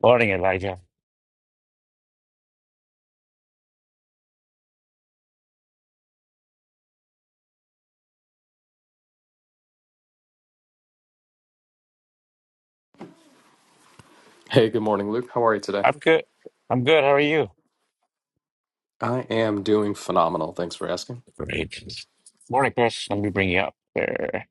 Morning, Elijah. Hey, good morning, Luke. How are you today? I'm good. I'm good. How are you? I am doing phenomenal. Thanks for asking. Great. Morning, Chris. Let me bring you up there.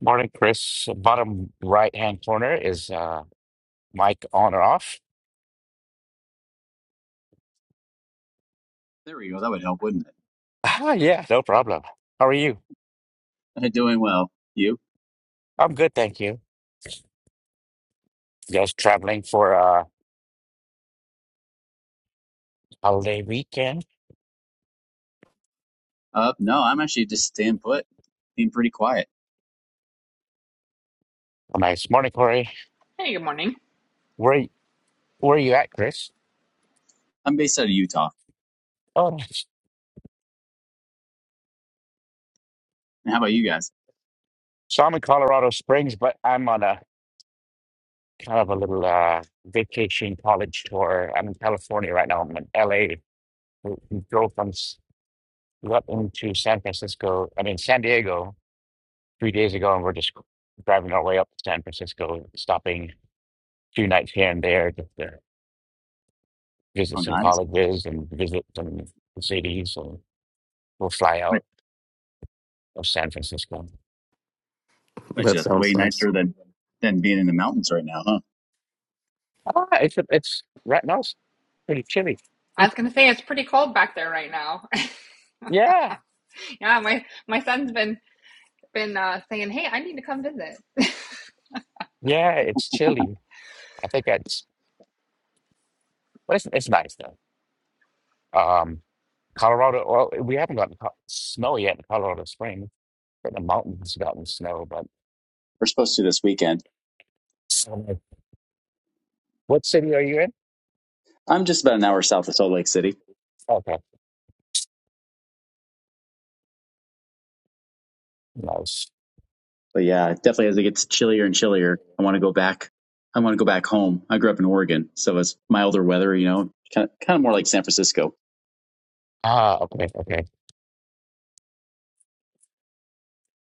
Morning, Chris. Bottom right-hand corner is uh mic on or off. There we go. That would help, wouldn't Ah, yeah, no problem. How are you? it? Doing well. You? I'm good, thank you. Just traveling for a holiday weekend. Uh, no, I'm actually just staying put, being pretty quiet. Oh, nice morning, Corey. Hey, good morning. Where where are you at, Chris? I'm based out of Utah. Oh, nice. And how about you guys? So I'm in Colorado Springs, but I'm on a kind of a little uh vacation college tour. I'm in California right now. I'm in LA. We we drove from We went into San Francisco, I mean, San Diego three days ago, and we're just driving our way up to San Francisco, stopping two nights here and there just to visit Oh, some nice. colleges and visit some cities. And we'll fly bet out of San Francisco. bet you That that's way sounds nice. nicer than than being in the mountains right now, huh? Ah, it's, it's right now it's pretty chilly. I was gonna say it's pretty cold back there right now. Yeah, yeah, my my son's been been uh, saying, "Hey, I need to come visit." yeah, it's chilly. I think that's, but it's, it's nice though. Um, Colorado, well, we haven't gotten co snow yet in Colorado Springs. but the mountains gotten snow. But We're supposed to this weekend. so I'm like, what city are you in? I'm just about an hour south of Salt Lake City, Okay, nice. but yeah, definitely as it gets chillier and chillier, I want to go back. I want to go back home. I grew up in Oregon, so it's milder weather, you know, kind of, kind of more like San Francisco. Ah, okay, okay.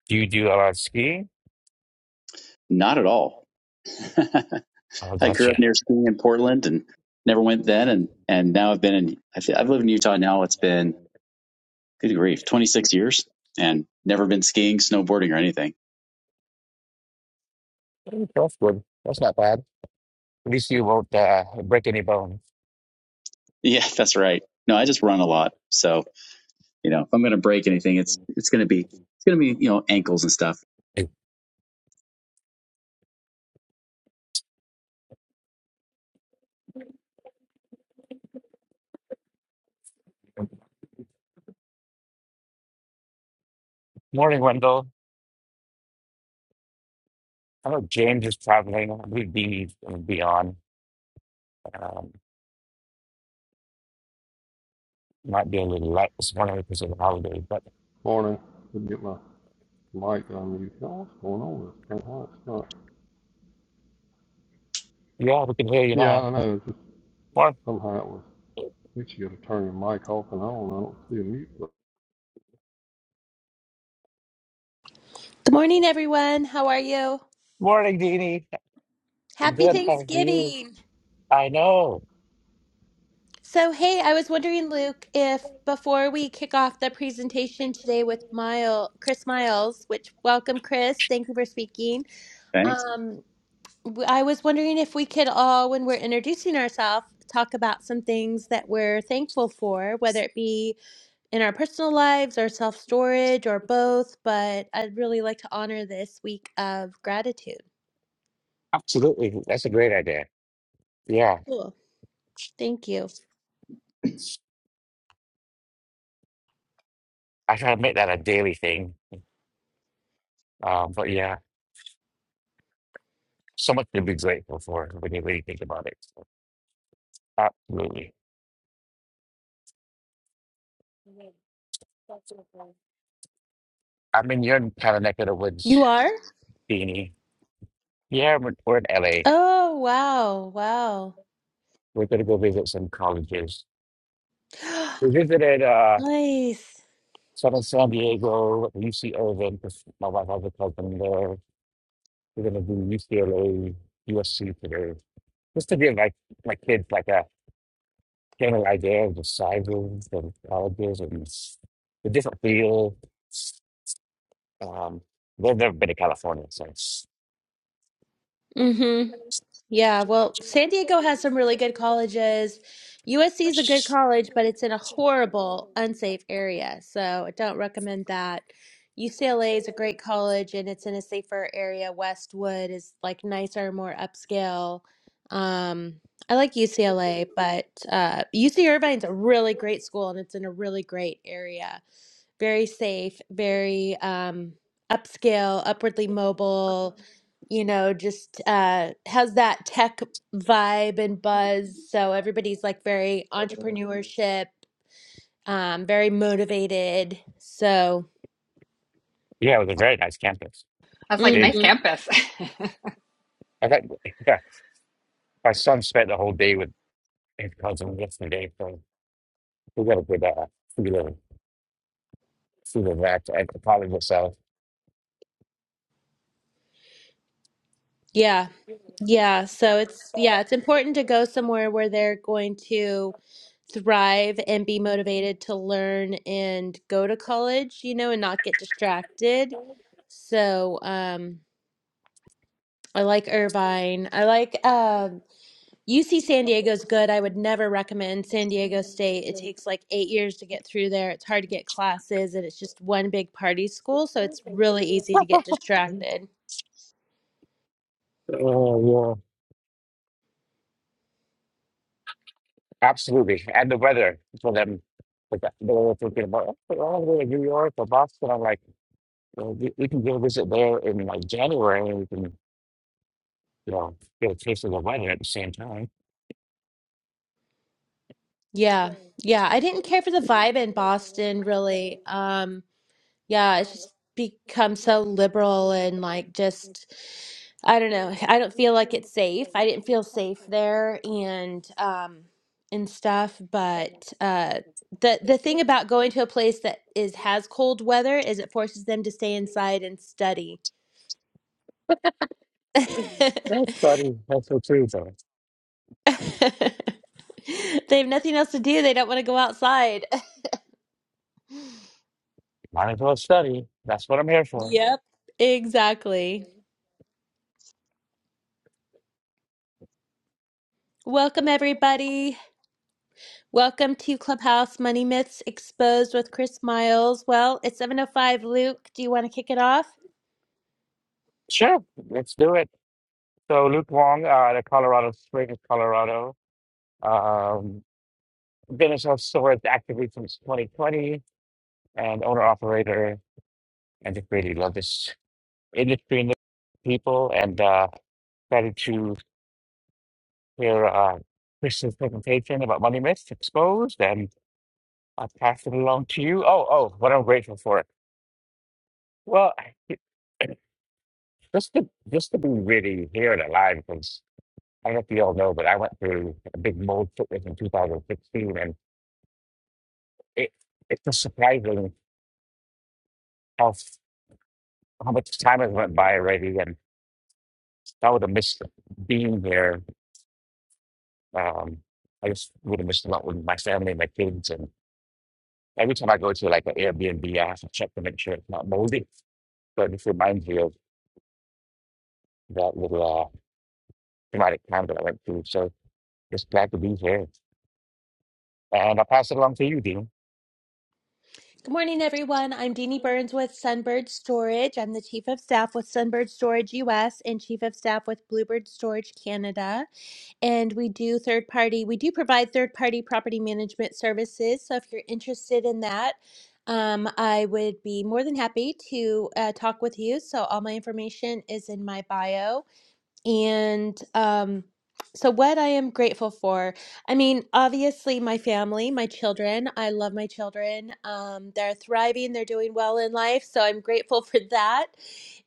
Do you do a lot of skiing? Not at all. Oh, I grew up gotcha. near skiing in Portland and never went then. And, and now I've been in, I thi- I've lived in Utah now. It's been, good grief, 26 years and never been skiing, snowboarding or anything. Mm, That's good. That's not bad. At least you won't uh, break any bones. Yeah, that's right. No, I just run a lot. So, you know, if I'm going to break anything, it's, it's going to be, it's going to be, you know, ankles and stuff. Hey, Morning, Wendell. I know James is traveling. We'd be, be on. Um, might be a little late this morning because of the holiday, but Morning. Couldn't get my mic unmuted. Oh, what's going on with this thing? Why it's not? yeah, we can hear you Yeah, now. I know. just Morning, somehow it was. I think you got to turn your mic off and on. I don't see a mute. But Good morning, everyone. How are you? morning, Dini. Happy Good, how are you? Thanksgiving. I know. So, hey, I was wondering, Luke, if before we kick off the presentation today with Miles, Chris Miles, which welcome, Chris. Thank you for speaking. Thanks. Um, w- I was wondering if we could all, when we're introducing ourselves, talk about some things that we're thankful for, whether it be in our personal lives or self storage or both. But I'd really like to honor this week of gratitude. Absolutely. That's a great idea. Yeah. Cool. Thank you. I try to make that a daily thing. Um, but yeah, so much to be grateful for when you really think about it. Absolutely. I'm in your kind of neck of the woods, You are? Beanie. Yeah, we're, we're in LA. Oh, wow. Wow. We're going to go visit some colleges. We visited uh, Nice. Southern San Diego, UC Irvine, because my wife has a cousin there. We're going to do UCLA, USC today, just to give like my kids like a general idea of the sizes of colleges and s- the different fields. Um, they've never been to California, so it's- Mm-hmm. Yeah, well, San Diego has some really good colleges. USC is a good college, but it's in a horrible, unsafe area. So I don't recommend that. UCLA is a great college and it's in a safer area. Westwood is like nicer, more upscale. Um, I like UCLA, but uh, UC Irvine's a really great school and it's in a really great area. very safe, very um, upscale, upwardly mobile, you know, just uh, has that tech vibe and buzz. So everybody's like very entrepreneurship, um, very motivated. So, yeah, it was a very nice campus, I was like, "Nice big. Mhm. campus." I got yeah, my son spent the whole day with and cousin yesterday from we got a good uh feeling feeling that I could probably yeah, yeah. So it's, yeah, it's important to go somewhere where they're going to thrive and be motivated to learn and go to college, you know, and not get distracted. So, um, I like Irvine. I like um, UC San Diego's good. I would never recommend San Diego State. It takes like eight years to get through there. It's hard to get classes, and it's just one big party school, so it's really easy to get distracted. Oh yeah. Absolutely. And the weather for them. Like that- they were thinking about oh, all the way to New York or Boston. I'm like, well, we, we can go visit there in like January and we can, you know, get a taste of the weather at the same time. Yeah, yeah. I didn't care for the vibe in Boston, really. Um, yeah, it's just become so liberal and like just. I don't know. I don't feel like it's safe. I didn't feel safe there and um and stuff, but uh the the thing about going to a place that is has cold weather is it forces them to stay inside and study. That's study. That's what too. So They have nothing else to do. They don't want to go outside. might as well study. That's what I'm here for. Yep, exactly. Welcome everybody. Welcome to Clubhouse Money Myths Exposed with Chris Miles. Well, it's 7:05. Luke, do you want to kick it off? Sure. Let's do it. So Luke Wong, uh, the Colorado Springs, Colorado. Um. Been a self actively since 2020 and owner operator and just really love this industry and the people and uh excited to hear uh Chris's presentation about Money Myths Exposed and I'll pass it along to you. Oh, oh, what I'm grateful for. Well, I- just to just to be really here and alive because I don't know if you all know, but I went through a big mold sickness in 2016 and it it's just surprising how f- how much time has went by already I would have missed being there. Um, I just would have missed a lot with my family, my kids, and every time I go to like an Airbnb, I have to check to make sure it's not moldy. So it just reminds me of that little uh, traumatic time that I went through. So just glad to be here, and I'll pass it along to you, Dean. Good morning, everyone. I'm Deanie Burns with Sunbird Storage. I'm the Chief of Staff with Sunbird Storage US and Chief of Staff with Bluebird Storage Canada. And we do third party, we do provide third party property management services. So if you're interested in that, um, I would be more than happy to uh, talk with you. So all my information is in my bio. And um, so, what I am grateful for, I mean, obviously, my family, my children. I love my children. Um, they're thriving, they're doing well in life. So, I'm grateful for that.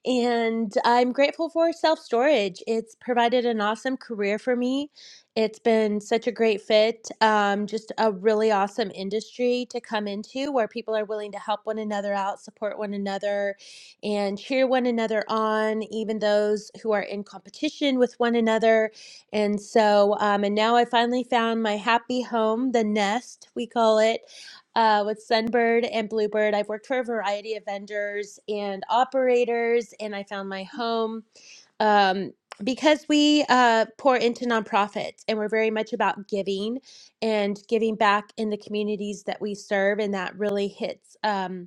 And I'm grateful for self storage. It's provided an awesome career for me. It's been such a great fit, um, just a really awesome industry to come into where people are willing to help one another out, support one another, and cheer one another on, even those who are in competition with one another. And so, um, and now I finally found my happy home, the nest, we call it uh, with Sunbird and Bluebird. I've worked for a variety of vendors and operators, and I found my home um, because we uh, pour into nonprofits and we're very much about giving and giving back in the communities that we serve. And that really hits. Um,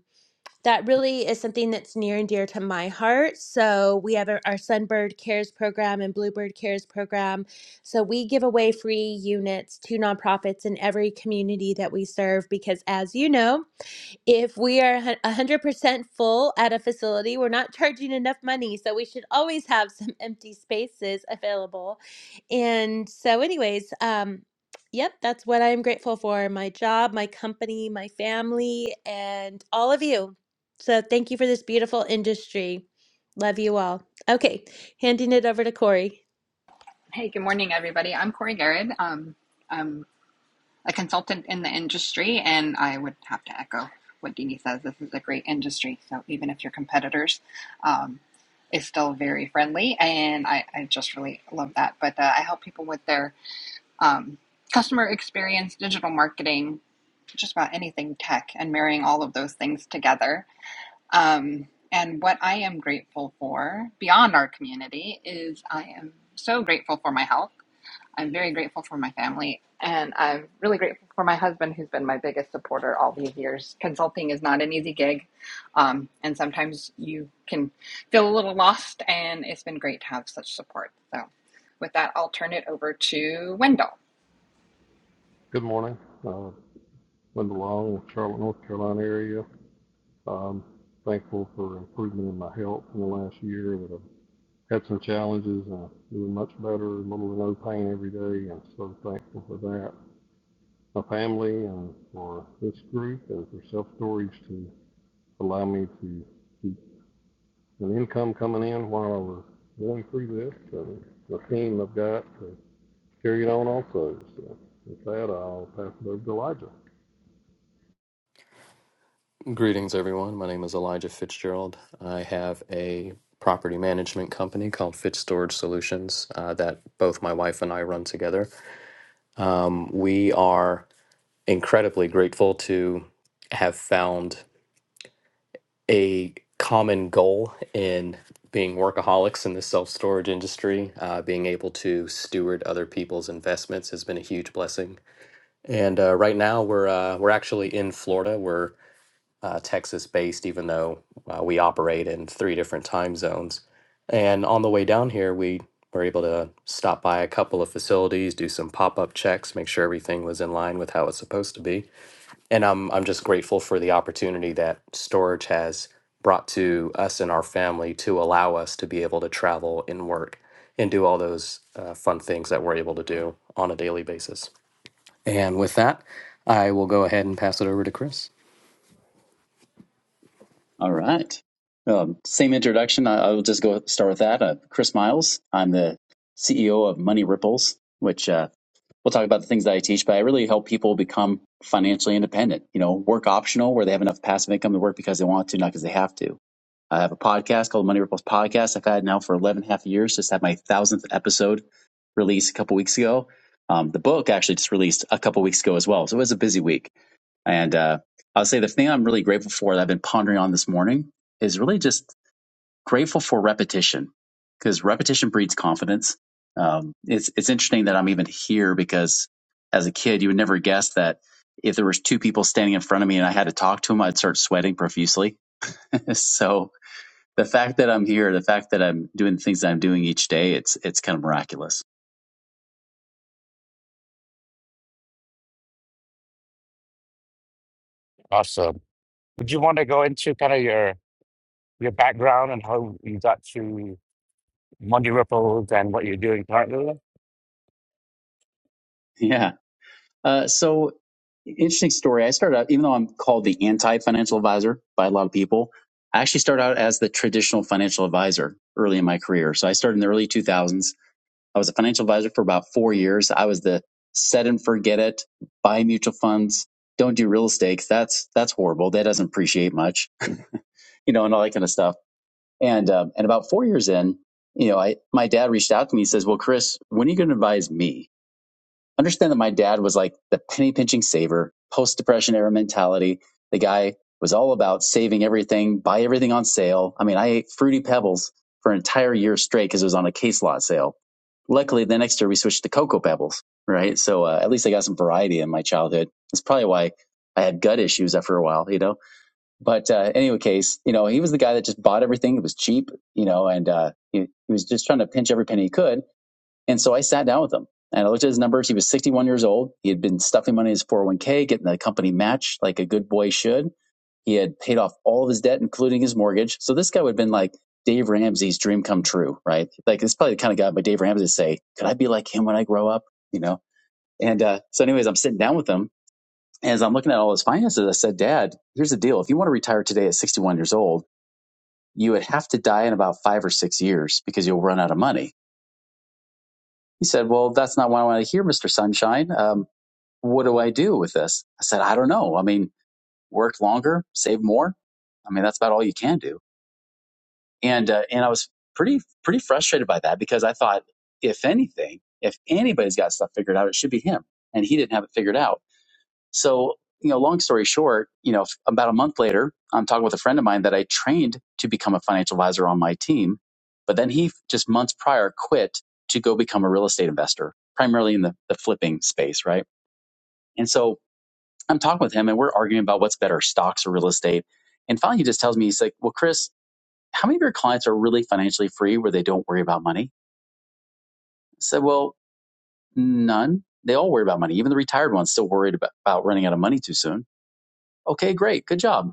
that really is something that's near and dear to my heart. So we have our our Sunbird Cares program and Bluebird Cares program. So we give away free units to nonprofits in every community that we serve because, as you know, if we are hun- 100% full at a facility, we're not charging enough money. So we should always have some empty spaces available. And so, anyways, um, yep, that's what I'm grateful for my job, my company, my family, and all of you. So thank you for this beautiful industry. Love you all. Okay, handing it over to Corey. hey, good morning, everybody. I'm Corey Garrett. Um, I'm a consultant in the industry, and I would have to echo what Dini says. This is a great industry, so even if your competitors, um, is still very friendly, and I, I just really love that. But uh, I help people with their um, customer experience, digital marketing, just about anything tech and marrying all of those things together. Um, and what I am grateful for beyond our community is I am so grateful for my health. I'm very grateful for my family. And I'm really grateful for my husband, who's been my biggest supporter all these years. Consulting is not an easy gig. Um, and sometimes you can feel a little lost, and it's been great to have such support. So, with that, I'll turn it over to Wendell. good morning. Uh, Linda Long, Charlotte, North Carolina area. Um, thankful for improvement in my health in the last year. That I've had some challenges and I'm doing much better. Little to no pain every day, and so thankful for that. My family and for this group and for self storage to allow me to keep. and income coming in while i are going through this, and the team I've got to carry it on also. So with that, I'll pass it over to Elijah. Greetings, everyone. My name is Elijah Fitzgerald. I have a property management company called Fitz Storage Solutions uh, that both my wife and I run together. Um, we are incredibly grateful to have found a common goal in being workaholics in the self storage industry. Uh, being able to steward other people's investments has been a huge blessing And uh, right now we're uh, we're actually in Florida. We're uh, Texas based, even though uh, we operate in three different time zones. And on the way down here, we were able to stop by a couple of facilities, do some pop up checks, make sure everything was in line with how it's supposed to be. And I'm I'm just grateful for the opportunity that storage has brought to us and our family to allow us to be able to travel and work and do all those uh, fun things that we're able to do on a daily basis. And with that, I will go ahead and pass it over to Chris. All right. Um, same introduction. I, I will just go start with that. Uh, Chris Miles. I'm the CEO of Money Ripples, which, uh, we'll talk about the things that I teach, but I really help people become financially independent. You know, work optional where they have enough passive income to work because they want to, not because they have to. I have a podcast called Money Ripples Podcast. I've had it now for 11 and a half years. Just had my thousandth episode released a couple weeks ago. Um, the book actually just released a couple weeks ago as well. So it was a busy week. And uh, I'll say the thing I'm really grateful for that I've been pondering on this morning is really just grateful for repetition because repetition breeds confidence. Um, it's it's interesting that I'm even here because as a kid, you would never guess that if there was two people standing in front of me and I had to talk to them, I'd start sweating profusely. so the fact that I'm here, the fact that I'm doing the things that I'm doing each day, it's it's kind of miraculous. Awesome. Would you want to go into kind of your your background and how you got to Monday Ripples and what you're doing currently? Yeah. Uh, so interesting story. I started out, even though I'm called the anti-financial advisor by a lot of people, I actually started out as the traditional financial advisor early in my career. So I started in the early 2000s I was a financial advisor for about four years. I was the set and forget it, buy mutual funds, don't do real estate. 'cause That's that's horrible. That doesn't appreciate much, you know, and all that kind of stuff. And um, and about four years in, you know, I my dad reached out to me. He says, "Well, Chris, when are you going to advise me?" Understand that my dad was like the penny pinching saver, post depression era mentality. The guy was all about saving everything, buy everything on sale. I mean, I ate fruity pebbles for an entire year straight because it was on a case lot sale Luckily, the next year we switched to Cocoa Pebbles, right? So uh, at least I got some variety in my childhood. That's probably why I had gut issues after a while, you know. But uh, anyway, case, you know, he was the guy that just bought everything. It was cheap, you know, and uh, he, he was just trying to pinch every penny he could. And so I sat down with him and I looked at his numbers. He was 61 years old. He had been stuffing money in his 401k, getting the company match like a good boy should he had paid off all of his debt, including his mortgage. So this guy would have been like Dave Ramsey's dream come true, right? Like it's probably the kind of guy by Dave Ramsey to say, could I be like him when I grow up? You know? And uh, so anyways, I'm sitting down with him and as I'm looking at all his finances, I said, Dad, here's the deal. If you want to retire today at 61 years old, you would have to die in about five or six years because you'll run out of money. He said, Well, that's not what I want to hear, Mr. Sunshine. Um, what do I do with this? I said, I don't know. I mean, work longer, save more. I mean, that's about all you can do. and uh, and I was pretty pretty frustrated by that because I thought if anything, if anybody's got stuff figured out, it should be him, and he didn't have it figured out. So you know, long story short, you know, about a month later, I'm talking with a friend of mine that I trained to become a financial advisor on my team, but then he just months prior quit to go become a real estate investor, primarily in the, the flipping space, right? And so I'm talking with him, and we're arguing about what's better, stocks or real estate. And finally, he just tells me, he's like, "Well, Chris, how many of your clients are really financially free where they don't worry about money? I said, well, none. They all worry about money. Even the retired ones still worried about, about running out of money too soon. Okay, great. Good job.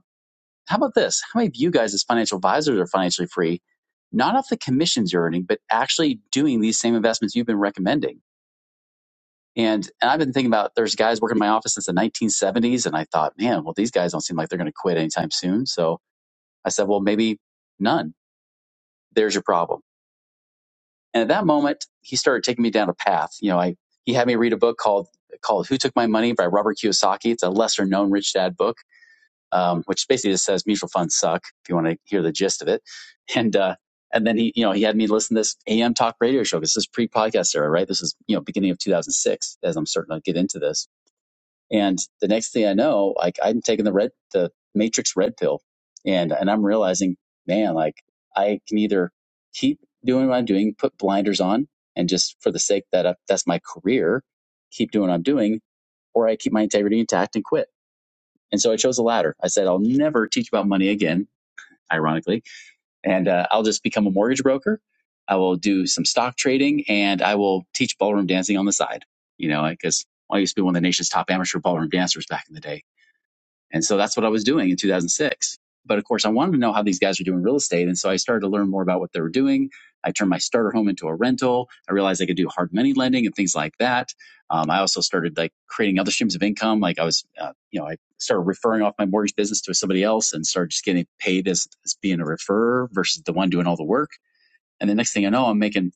How about this? How many of you guys as financial advisors are financially free, not off the commissions you're earning, but actually doing these same investments you've been recommending? And, and I've been thinking about there's guys working in my office since the 1970s. And I thought, man, well, these guys don't seem like they're going to quit anytime soon. So I said, well, maybe none. There's your problem And at that moment, he started taking me down a path. You know, I he had me read a book called called Who Took My Money by Robert Kiyosaki. It's a lesser known rich dad book, um, which basically just says mutual funds suck. If you want to hear the gist of it, and uh, and then he you know he had me listen to this AM talk radio show because this is pre podcast era, right? This is you know beginning of 2006 as I'm starting to get into this and the next thing I know, like I'm taking the red, the matrix red pill and, and I'm realizing, man, like I can either keep doing what I'm doing, put blinders on and just for the sake that I, that's my career, keep doing what I'm doing, or I keep my integrity intact and quit. And so I chose the latter. I said, I'll never teach about money again, ironically, and uh, I'll just become a mortgage broker. I will do some stock trading and I will teach ballroom dancing on the side, you know, because I used to be one of the nation's top amateur ballroom dancers back in the day and so that's what I was doing in 2006. But of course, I wanted to know how these guys were doing real estate. And so I started to learn more about what they were doing. I turned my starter home into a rental. I realized I could do hard money lending and things like that. Um, I also started like creating other streams of income. Like I was, uh, you know, I started referring off my mortgage business to somebody else and started just getting paid as, as being a referrer versus the one doing all the work. And the next thing I know, I'm making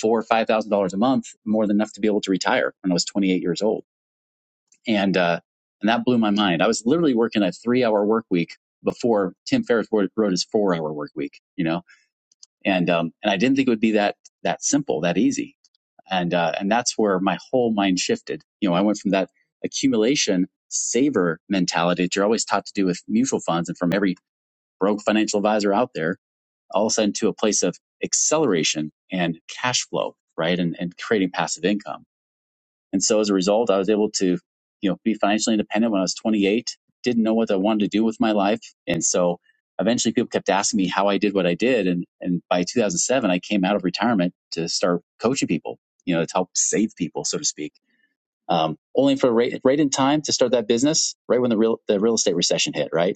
four or $5,000 a month, more than enough to be able to retire when I was 28 years old and uh, and that blew my mind. I was literally working a three hour work week before Tim Ferriss wrote, wrote his four hour work week, you know, and um, and I didn't think it would be that that simple, that easy, and uh, and that's where my whole mind shifted. You know, I went from that accumulation saver mentality that you're always taught to do with mutual funds and from every broke financial advisor out there, all of a sudden to a place of acceleration and cash flow, right, and and creating passive income and so as a result, I was able to, you know, be financially independent when I was 28, didn't know what I wanted to do with my life. And so eventually people kept asking me how I did what I did. And, and by 2007, I came out of retirement to start coaching people, you know, to help save people, so to speak. Um, only for right, right in time to start that business, right when the real, the real estate recession hit, right?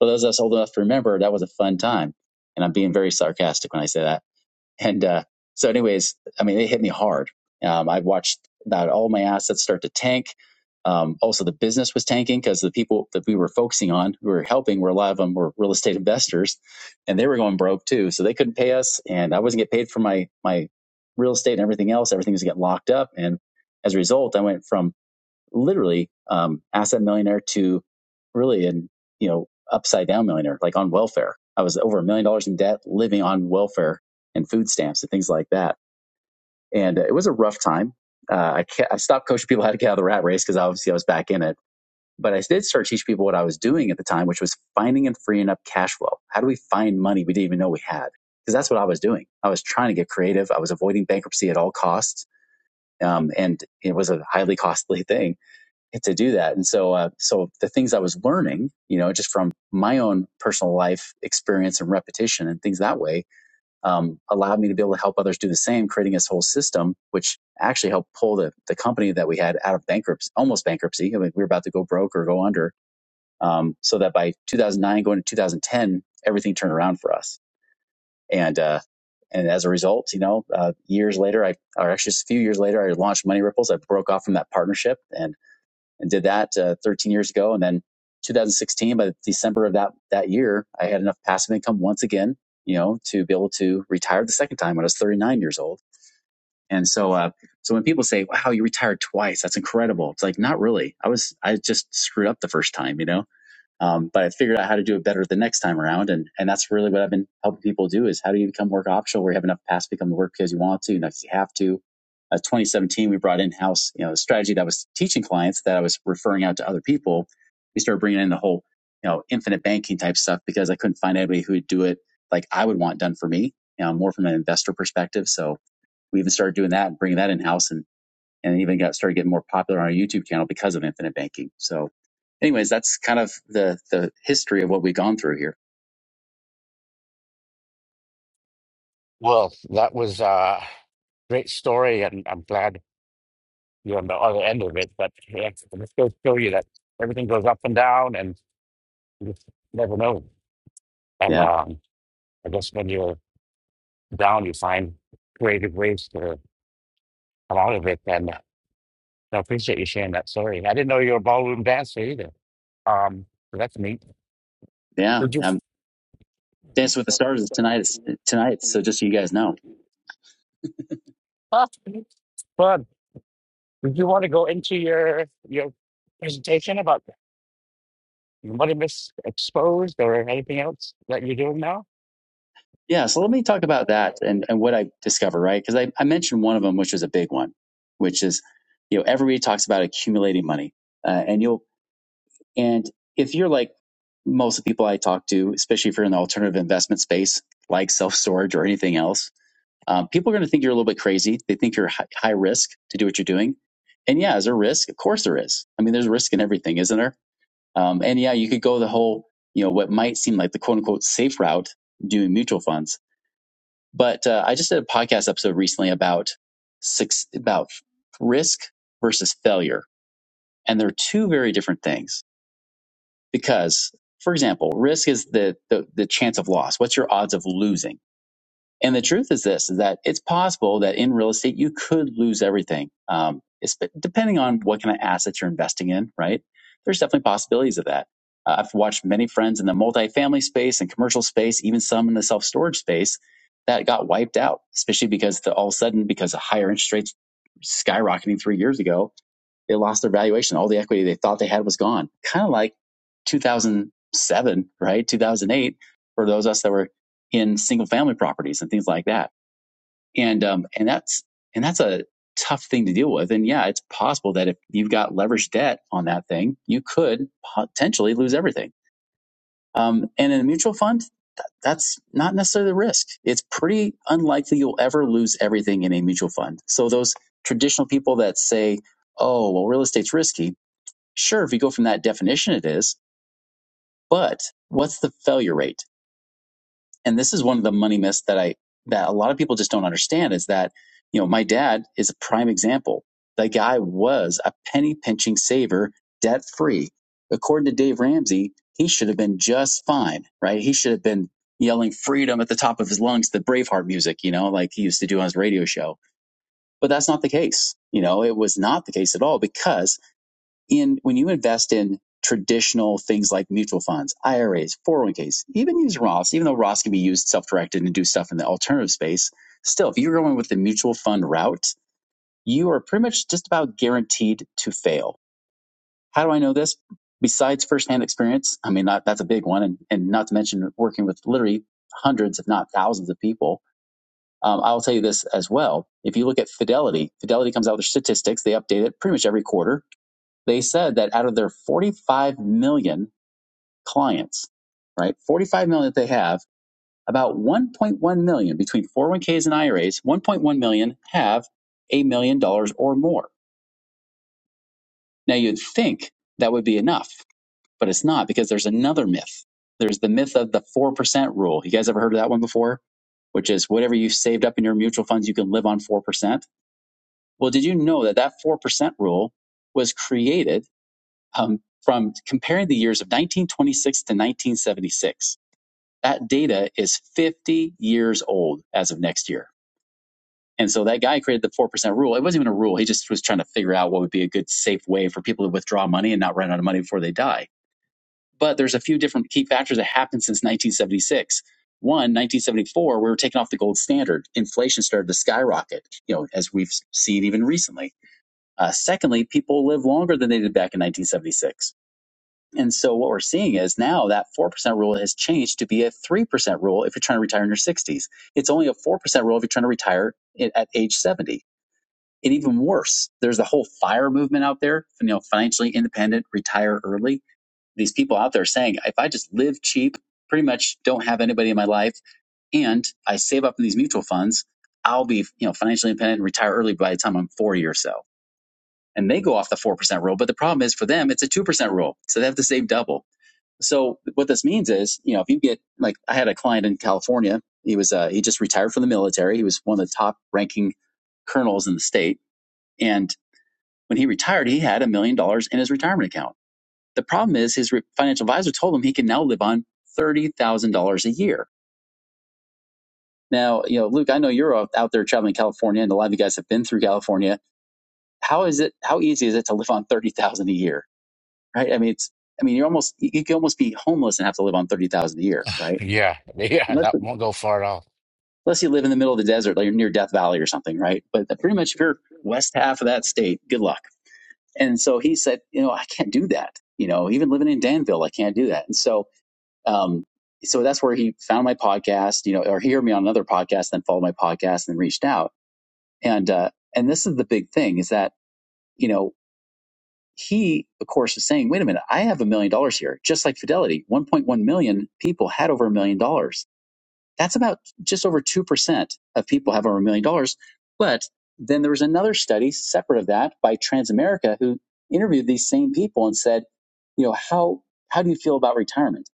For those of us old enough to remember, that was a fun time. And I'm being very sarcastic when I say that and uh, so, anyways, I mean, it hit me hard. Um, I watched about all my assets start to tank. Um, also, the business was tanking because the people that we were focusing on, who we were helping, were a lot of them were real estate investors, and they were going broke too. So they couldn't pay us, and I wasn't getting paid for my my real estate and everything else. Everything was getting locked up, and as a result, I went from literally um, asset millionaire to really an you know upside down millionaire, like on welfare. I was over a million dollars in debt, living on welfare and food stamps and things like that. And uh, it was a rough time. Uh, I, ca- I stopped coaching people how to get out of the rat race because obviously I was back in it. But I did start teaching people what I was doing at the time, which was finding and freeing up cash flow. How do we find money we didn't even know we had? Because that's what I was doing. I was trying to get creative. I was avoiding bankruptcy at all costs, um, and it was a highly costly thing to do that. And so, uh, so the things I was learning, you know, just from my own personal life experience and repetition and things that way, um, allowed me to be able to help others do the same, creating this whole system, which actually helped pull the, the company that we had out of bankruptcy, almost bankruptcy. I mean, we were about to go broke or go under. Um, so that by 2009 going to 2010, everything turned around for us. And, uh, and as a result, you know, uh, years later, I, or actually just a few years later, I launched Money Ripples. I broke off from that partnership and and did that uh, 13 years ago. And then 2016, by December of that, that year, I had enough passive income once again, you know, to be able to retire the second time when I was 39 years old. And so, uh, so when people say, wow, you retired twice, that's incredible. It's like, not really. I was, I just screwed up the first time, you know? Um, but I figured out how to do it better the next time around, and and that's really what I've been helping people do is how do you become work optional where you have enough past to become the work because you want to, not because you have to. Uh, 2017, we brought in house, you know, the strategy that I was teaching clients that I was referring out to other people. We started bringing in the whole, you know, infinite banking type stuff because I couldn't find anybody who would do it like I would want done for me, you know, more from an investor perspective. So we even started doing that and bringing that in house. and and even got started getting more popular on our YouTube channel because of infinite banking. So, anyways, that's kind of the the history of what we've gone through here. Well, that was a great story, and I'm glad. you're on the other end of it. But yeah, it just goes to show you that everything goes up and down, and you just never know. And Yeah, um, I guess when you're down, you find creative ways to come out of it. And uh, I appreciate you sharing that story. I didn't know you were a ballroom dancer either. Um, so that's neat. yeah. Did you? Um, Dance with the Stars is tonight. tonight. So just so you guys know. Ah, fun. Did you want to go into your your presentation about money misexposed or anything else that you're doing now? Yeah. So let me talk about that and and what I discovered, right? Because I I mentioned one of them, which is a big one, which is you know everybody talks about accumulating money, uh, and you'll and if you're like most of the people I talk to, especially if you're in the alternative investment space, like self storage or anything else Um, people are going to think you're a little bit crazy. They think you're hi- high risk to do what you're doing. And yeah, is there risk? Of course there is. I mean, there's risk in everything, isn't there? Um, and yeah, you could go the whole, you know, what might seem like the quote unquote safe route doing mutual funds. But uh, I just did a podcast episode recently about six, about risk versus failure. And they're two very different things because, for example, risk is the, the, the chance of loss. What's your odds of losing? And the truth is this: is that it's possible that in real estate you could lose everything, um, it's- depending on what kind of assets you're investing in. Right? There's definitely possibilities of that. Uh, I've watched many friends in the multifamily space and commercial space, even some in the self storage space, that got wiped out, especially because the, all of a sudden because of higher interest rates skyrocketing three years ago, they lost their valuation. All the equity they thought they had was gone. Kind of like 2007, right? 2008 for those of us that were in single family properties and things like that. And, um, and that's, and that's a tough thing to deal with. And yeah, it's possible that if you've got leveraged debt on that thing, you could potentially lose everything. Um, and in a mutual fund, that's not necessarily the risk. It's pretty unlikely you'll ever lose everything in a mutual fund. So those traditional people that say, Oh, well, real estate's risky Sure, if you go from that definition, it is. But what's the failure rate? And this is one of the money myths that I that a lot of people just don't understand is that you know my dad is a prime example. The guy was a penny pinching saver, debt free. According to Dave Ramsey, he should have been just fine, right? He should have been yelling freedom at the top of his lungs, the Braveheart music, you know, like he used to do on his radio show. But that's not the case. You know, it was not the case at all because in when you invest in traditional things like mutual funds, IRAs, 401ks, even use Roths, even though Roths can be used self-directed and do stuff in the alternative space, still, if you're going with the mutual fund route, you are pretty much just about guaranteed to fail. How do I know this? Besides firsthand experience, I mean, not, that's a big one, and, and not to mention working with literally hundreds, if not thousands of people. Um, I'll tell you this as well. If you look at Fidelity, Fidelity comes out with their statistics. They update it pretty much every quarter they said that out of their 45 million clients, right, 45 million that they have, about 1.1 million between 401ks and IRAs, 1.1 million have a million dollars or more. Now you'd think that would be enough, but it's not because there's another myth. There's the myth of the 4% rule. You guys ever heard of that one before? Which is whatever you've saved up in your mutual funds, you can live on 4%. Well, did you know that that 4% rule was created um, from comparing the years of 1926 to 1976. That data is 50 years old as of next year. And so that guy created the 4% rule. It wasn't even a rule. He just was trying to figure out what would be a good, safe way for people to withdraw money and not run out of money before they die. But there's a few different key factors that happened since 1976. One, 1974, we were taking off the gold standard. Inflation started to skyrocket, you know, as we've seen even recently. Uh, secondly, people live longer than they did back in 1976 and so what we're seeing is now that 4% rule has changed to be a 3% rule if you're trying to retire in your 60s. It's only a 4% rule if you're trying to retire i- at age 70. And even worse, there's the whole FIRE movement out there, you know, financially independent, retire early. These people out there saying, if I just live cheap, pretty much don't have anybody in my life, and I save up in these mutual funds, I'll be, you know, financially independent, and retire early by the time I'm 40 or so. And they go off the 4% rule. But the problem is for them, it's a 2% rule. So they have to save double. So what this means is, you know, if you get like I had a client in California, he was uh, he just retired from the military. He was one of the top ranking colonels in the state, and when he retired, he had a million dollars in his retirement account. The problem is his re- financial advisor told him he can now live on thirty thousand dollars a year. Now, you know, Luke, I know you're out there traveling California, and a lot of you guys have been through California. How is it? How easy is it to live on thirty thousand a year? Right? I mean, it's I mean, you're almost you could almost be homeless and have to live on thirty thousand a year, right? Yeah, And yeah, let's, that won't go far at all. unless you live in the middle of the desert, like near Death Valley or something, right? But pretty much if you're west half of that state, good luck. And so he said, you know, I can't do that. You know, even living in Danville, I can't do that. And so, um, so that's where he found my podcast, you know, or he heard me on another podcast, then followed my podcast and reached out. And, uh, and this is the big thing is that, you know, he, of course, is saying, wait a minute, I have a million dollars here, just like Fidelity. 1.1 million people had over a million dollars that's about just over 2% of people have over a million dollars. But then there was another study separate of that by Transamerica who interviewed these same people and said, you know, how, how do you feel about retirement?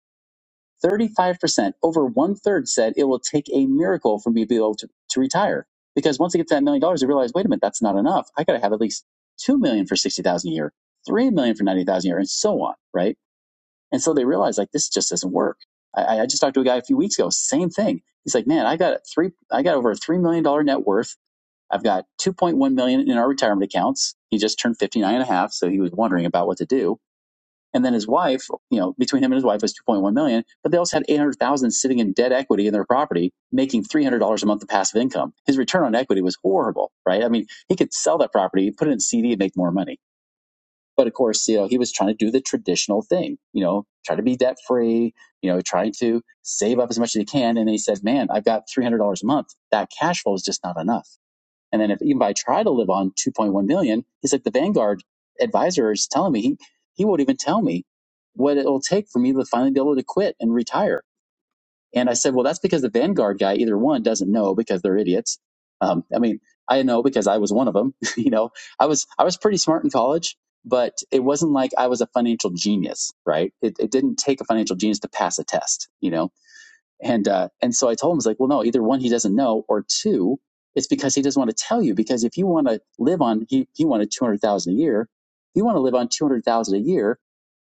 35%, over one third said it will take a miracle for me to be able to, to retire. Because once they get to that million dollars, they realize, wait a minute, that's not enough. I got to have at least 2 million for 60,000 a year, 3 million for 90,000 a year, and so on, right? And so they realized like this just doesn't work. I, I just talked to a guy a few weeks ago, same thing. He's like, man, I got three, I got over a three million dollar net worth. I've got 2.1 million dollars in our retirement accounts. He just turned 59 and a half, So he was wondering about what to do. And then his wife, you know, between him and his wife was 2.1 million, dollars, but they also had 800,000 sitting in debt equity in their property, making $300 a month of passive income. His return on equity was horrible, right? I mean, he could sell that property, put it in CD and make more money. But of course, you know, he was trying to do the traditional thing, you know, try to be debt free, you know, trying to save up as much as he can. And he said, man, I've got $300 a month. That cash flow is just not enough. And then if even if I try to live on 2.1 million, he's like, the Vanguard advisor is telling me he, he won't even tell me what it will take for me to finally be able to quit and retire and I said, well, that's because the Vanguard guy, either one, doesn't know because they're idiots. Um, I mean, I know because I was one of them. you know, I was I was pretty smart in college, but it wasn't like I was a financial genius, right? It, it didn't take a financial genius to pass a test, you know. And uh, and so I told him, I was like, well, no, either one, he doesn't know, or two, it's because he doesn't want to tell you. Because if you want to live on, he he wanted two hundred thousand a year. you want to live on two hundred thousand a year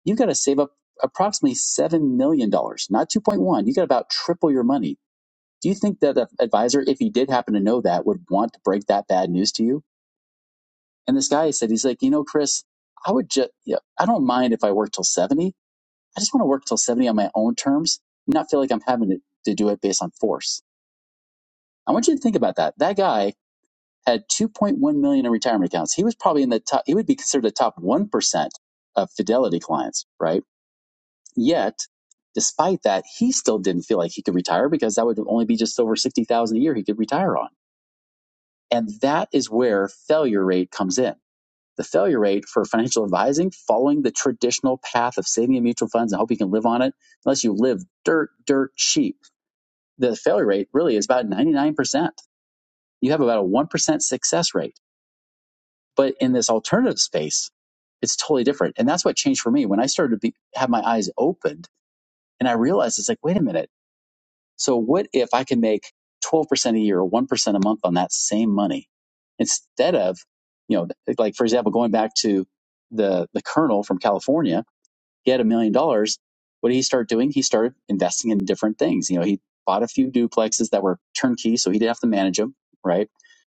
you've got to save up approximately $7 million, dollars, not 2.1. You got about triple your money. Do you think that the advisor, if he did happen to know that, would want to break that bad news to you? And this guy said, he's like, you know, Chris, I would just, you know, I don't mind if I work till 70. I just want to work till 70 on my own terms and not feel like I'm having to, to do it based on force. I want you to think about that. That guy had 2.1 million in retirement accounts. He was probably in the top, he would be considered the top 1% of Fidelity clients, right? Yet, despite that, he still didn't feel like he could retire because that would only be just over 60,000 a year he could retire on. And that is where failure rate comes in. The failure rate for financial advising, following the traditional path of saving in mutual funds and hope you can live on it, unless you live dirt, dirt cheap, the failure rate really is about 99%. You have about a 1% success rate. But in this alternative space, it's totally different. And that's what changed for me when I started to be, have my eyes opened and I realized it's like, wait a minute. So what if I can make 12% a year or 1% a month on that same money instead of, you know, like for example, going back to the, the colonel from California, he had a million dollars. What did he start doing? He started investing in different things. You know, he bought a few duplexes that were turnkey, so he didn't have to manage them, right?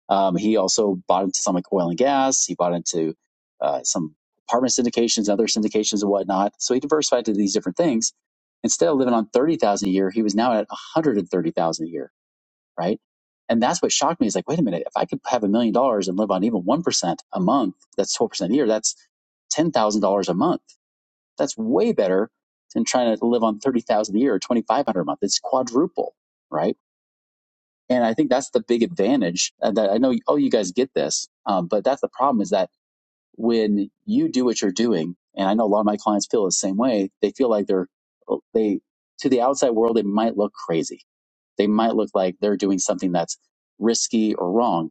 Um, he also bought into some like oil and gas. He bought into uh, some apartment syndications, other syndications, and whatnot. So he diversified to these different things. Instead of living on thirty thousand a year, he was now at one hundred and thirty thousand a year, right? And that's what shocked me. Is like, wait a minute, if I could have a million dollars and live on even one percent a month, that's twelve percent a year. That's ten thousand dollars a month. That's way better than trying to live on thirty thousand a year or twenty five hundred a month. It's quadruple, right? and I think that's the big advantage uh, that I know. Oh, you guys get this, um, but that's the problem is that when you do what you're doing, and I know a lot of my clients feel the same way. They feel like they're oh, they to the outside world they might look crazy. They might look like they're doing something that's risky or wrong.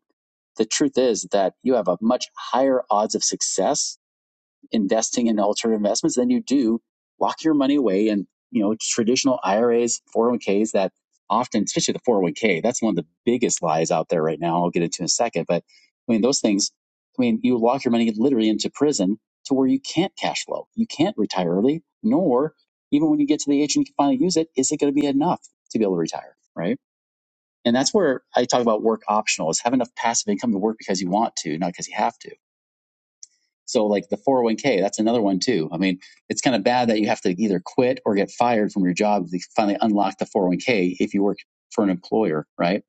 The truth is that you have a much higher odds of success investing in alternative investments than you do lock your money away in you know traditional IRAs, 401ks that often, especially the 401k, that's one of the biggest lies out there right now. I'll get into in a second, but I mean those things. I mean you lock your money literally into prison to where you can't cash flow, you can't retire early, nor even when you get to the age and you can finally use it, is it going to be enough to be able to retire, right? And that's where I talk about work optional is have enough passive income to work because you want to, not because you have to so like the 401k, that's another one too. I mean, it's kind of bad that you have to either quit or get fired from your job to finally unlock the 401k if you work for an employer, right?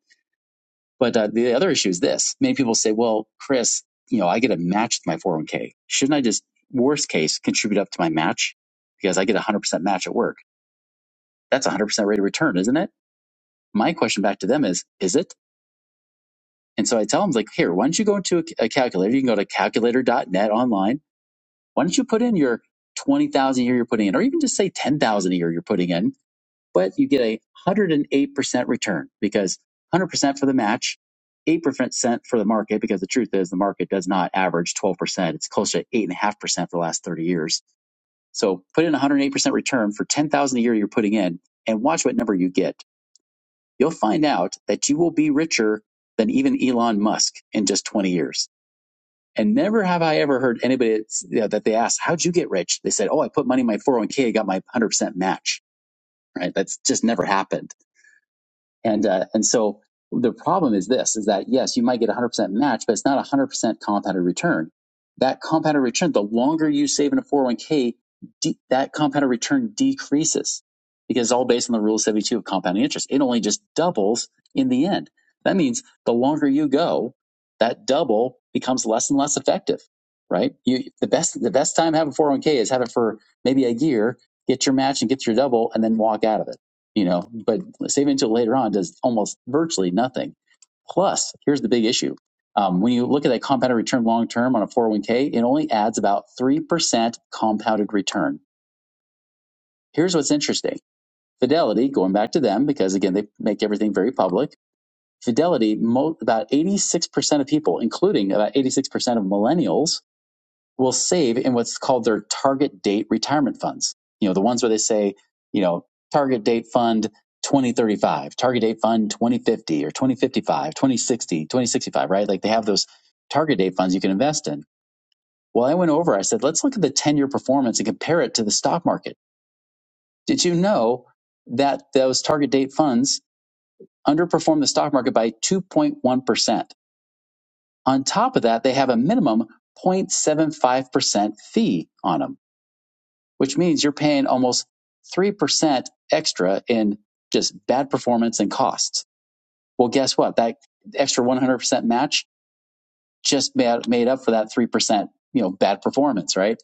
But uh, the other issue is this. Many people say, well, Chris, you know, I get a match with my 401k. Shouldn't I just, worst case, contribute up to my match? Because I get a 100% match at work. That's a 100% rate of return, isn't it? My question back to them is, is it? And so I tell them, like, here, why don't you go into a, a calculator? You can go to calculator.net online Why don't you put in your 20,000 a year you're putting in, or even just say 10,000 a year you're putting in, but you get a 108% return because 100% for the match, 8% for the market, because the truth is the market does not average 12%. It's closer to 8.5% for the last 30 years. So put in 108% return for 10,000 a year you're putting in and watch what number you get. You'll find out that you will be richer than even Elon Musk in just 20 years and never have I ever heard anybody that's- you know, that they asked, how'd you get rich? They said, oh, I put money in my 401k, I got my 100% match, right? That's just never happened and uh, and so the problem is this: is that yes, you might get 100% match, but it's not 100% compounded return. That compounded return, the longer you save in a 401k, de- that compounded return decreases because it's all based on the rule of 72 of compounding interest. It only just doubles in the end. That means the longer you go, that double becomes less and less effective, right? You, the best the best time having 401k is have it for maybe a year, get your match and get your double, and then walk out of it you know, but saving until later on does almost virtually nothing. Plus, here's the big issue. Um, when you look at that compounded return long term on a 401k, it only adds about 3% compounded return. Here's what's interesting Fidelity, going back to them, because again, they make everything very public. Fidelity, mo- about 86% of people, including about 86% of millennials, will save in what's called their target date retirement funds. You know, the ones where they say, you know, target date fund 2035, target date fund 2050 or 2055, 2060, 2065, right? Like they have those target date funds you can invest in. Well, I went over, I said, let's look at the 10 year performance and compare it to the stock market. Did you know that those target date funds underperform the stock market by 2.1%? On top of that, they have a minimum 0.75% fee on them. which means you're paying almost 3% extra in just bad performance and costs. Well, guess what? That extra 100% match just made, up for that 3%, you know, bad performance, right?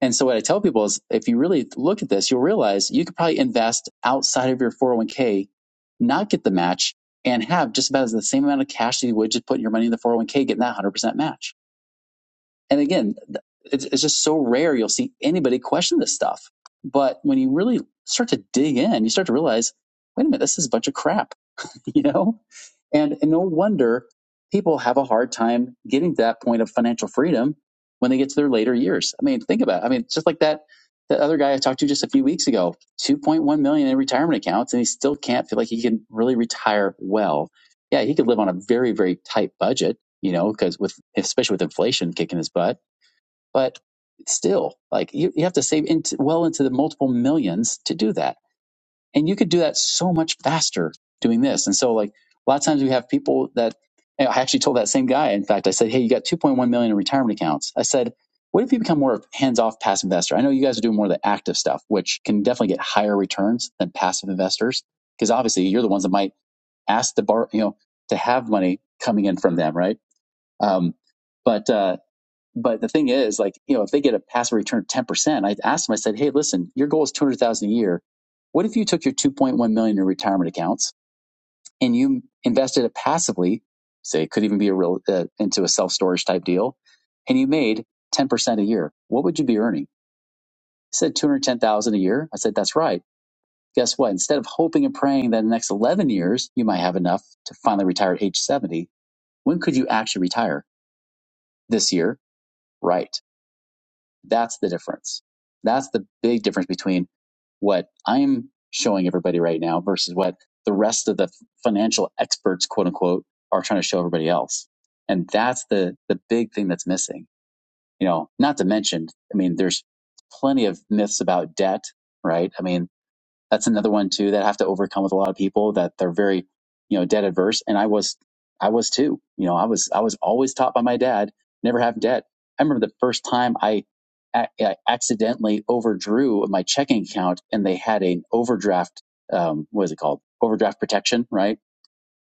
And so what I tell people is if you really look at this, you'll realize you could probably invest outside of your 401k, not get the match and have just about the same amount of cash that you would just putting your money in the 401k, getting that 100% match. And again, it's, it's just so rare you'll see anybody question this stuff. But when you really start to dig in, you start to realize, wait a minute, this is a bunch of crap, you know? And, and no wonder people have a hard time getting to that point of financial freedom when they get to their later years. I mean, think about it. I mean, just like that, that other guy I talked to just a few weeks ago, 2.1 million dollars in retirement accounts, and he still can't feel like he can really retire well. Yeah, he could live on a very, very tight budget, you know, because with, especially with inflation kicking his butt but still like you, you have to save into, well into the multiple millions to do that and you could do that so much faster doing this and so like a lot of times we have people that and i actually told that same guy in fact i said hey you got 2.1 million in retirement accounts i said what if you become more of a hands-off passive investor i know you guys are doing more of the active stuff which can definitely get higher returns than passive investors because obviously you're the ones that might ask the bar you know to have money coming in from them right um, but uh, but the thing is, like, you know, if they get a passive return of 10%, I asked them, I said, hey, listen, your goal is 200,000 a year. What if you took your 2.1 million dollars in retirement accounts and you invested it passively, say it could even be a real, uh, into a self-storage type deal, and you made 10% a year. What would you be earning? He said 210,000 a year. I said, that's right. Guess what? Instead of hoping and praying that in the next 11 years, you might have enough to finally retire at age 70, when could you actually retire? This year? Right. That's the difference. That's the big difference between what I'm showing everybody right now versus what the rest of the financial experts, quote unquote, are trying to show everybody else. And that's the, the big thing that's missing, you know, not to mention, I mean, there's plenty of myths about debt, right? I mean, that's another one too that I have to overcome with a lot of people that they're very, you know, debt adverse. And I was, I was too. You know, I was, I was always taught by my dad never have debt. I remember the first time I, a- I accidentally overdrew my checking account, and they had an overdraft. Um, what is it called? Overdraft protection, right?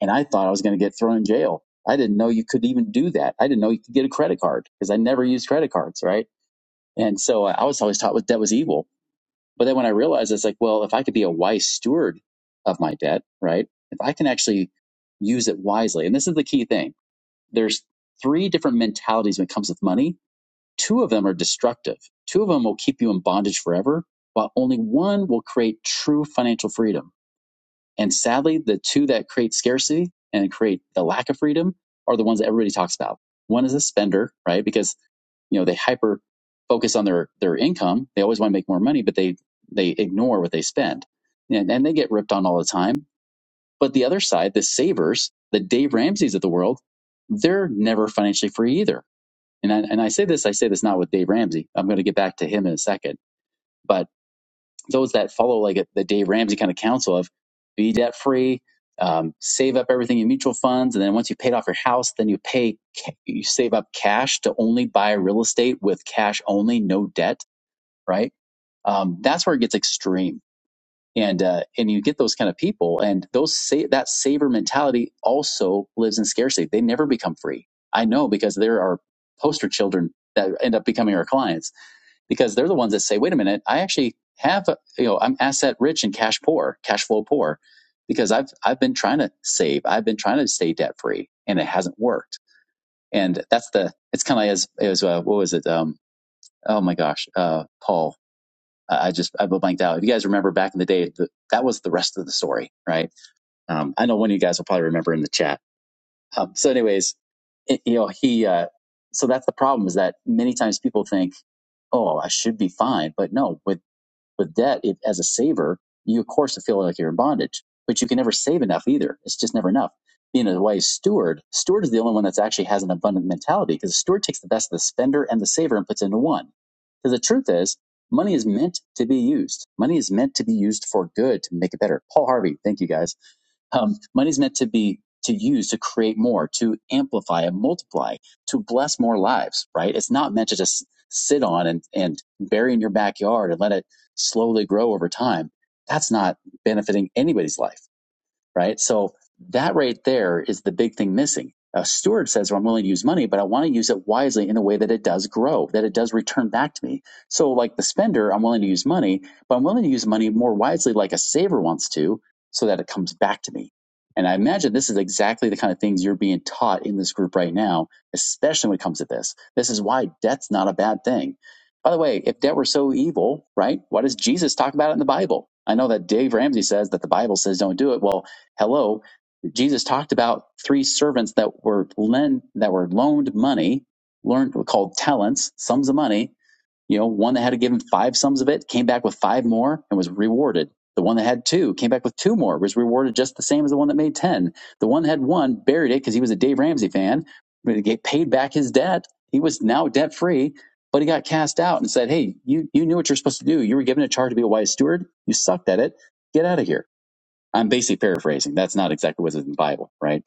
And I thought I was going to get thrown in jail. I didn't know you could even do that. I didn't know you could get a credit card because I never used credit cards, right? And so uh, I was always taught that was evil but then when I realized, it's like, well, if I could be a wise steward of my debt, right? If I can actually use it wisely, and this is the key thing. There's three different mentalities when it comes with money. Two of them are destructive. Two of them will keep you in bondage forever, while only one will create true financial freedom. And sadly, the two that create scarcity and create the lack of freedom are the ones that everybody talks about. One is a spender, right? Because you know they hyper focus on their their income they always want to make more money but they they ignore what they spend and, and they get ripped on all the time but the other side the savers the dave ramsey's of the world they're never financially free either and I, and I say this i say this not with dave ramsey i'm going to get back to him in a second but those that follow like a, the Dave Ramsey kind of counsel of be debt free, um, save up everything in mutual funds, and then once you paid off your house, then you pay you save up cash to only buy real estate with cash only, no debt, right? Um, that's where it gets extreme, and uh, and you get those kind of people, and those sa- that saver mentality also lives in scarcity. They never become free. I know because there are poster children that end up becoming our clients because they're the ones that say, wait a minute, I actually have, a- you know, I'm asset rich and cash poor, cash flow poor, because I've I've been trying to save, I've been trying to stay debt free, and it hasn't worked. And that's the it's kind of like as as uh, what was it? Um, oh my gosh, uh, Paul, I just I blanked out. If you guys remember back in the day, th that was the rest of the story, right? Um, I know one of you guys will probably remember in the chat. Um, so, anyways, it, you know, he. Uh, so that's the problem is that many times people think, oh, I should be fine. But no, with with debt, it, as a saver, you of course feel like you're in bondage, but you can never save enough either. It's just never enough. Being a wise steward, steward is the only one that actually has an abundant mentality because the steward takes the best of the spender and the saver and puts into one. Because the truth is, money is meant to be used. Money is meant to be used for good to make it better. Paul Harvey, thank you guys um, money is meant to be to use to create more, to amplify and multiply, to bless more lives. Right? It's not meant to just sit on and and bury in your backyard and let it slowly grow over time. That's not benefiting anybody's life right? So that right there is the big thing missing. A steward says, well, I'm willing to use money, but I want to use it wisely in a way that it does grow, that it does return back to me. So, like the spender, I'm willing to use money, but I'm willing to use money more wisely, like a saver wants to, so that it comes back to me. And I imagine this is exactly the kind of things you're being taught in this group right now, especially when it comes to this. This is why debt's not a bad thing. By the way, if debt were so evil, right, why does Jesus talk about it in the Bible? I know that Dave Ramsey says that the Bible says don't do it. Well, Hello, Jesus talked about three servants that were lend that were loaned money, learned called talents, sums of money. You know, one that had to give him five sums of it came back with five more and was rewarded. The one that had two came back with two more, was rewarded just the same as the one that made ten. The one that had one buried it because he was a Dave Ramsey fan, he get- paid back his debt. He was now debt free, but he got cast out and said, "Hey, you you knew what you're supposed to do. You were given a charge to be a wise steward. You sucked at it. Get out of here." I'm basically paraphrasing. That's not exactly what's in the Bible, right?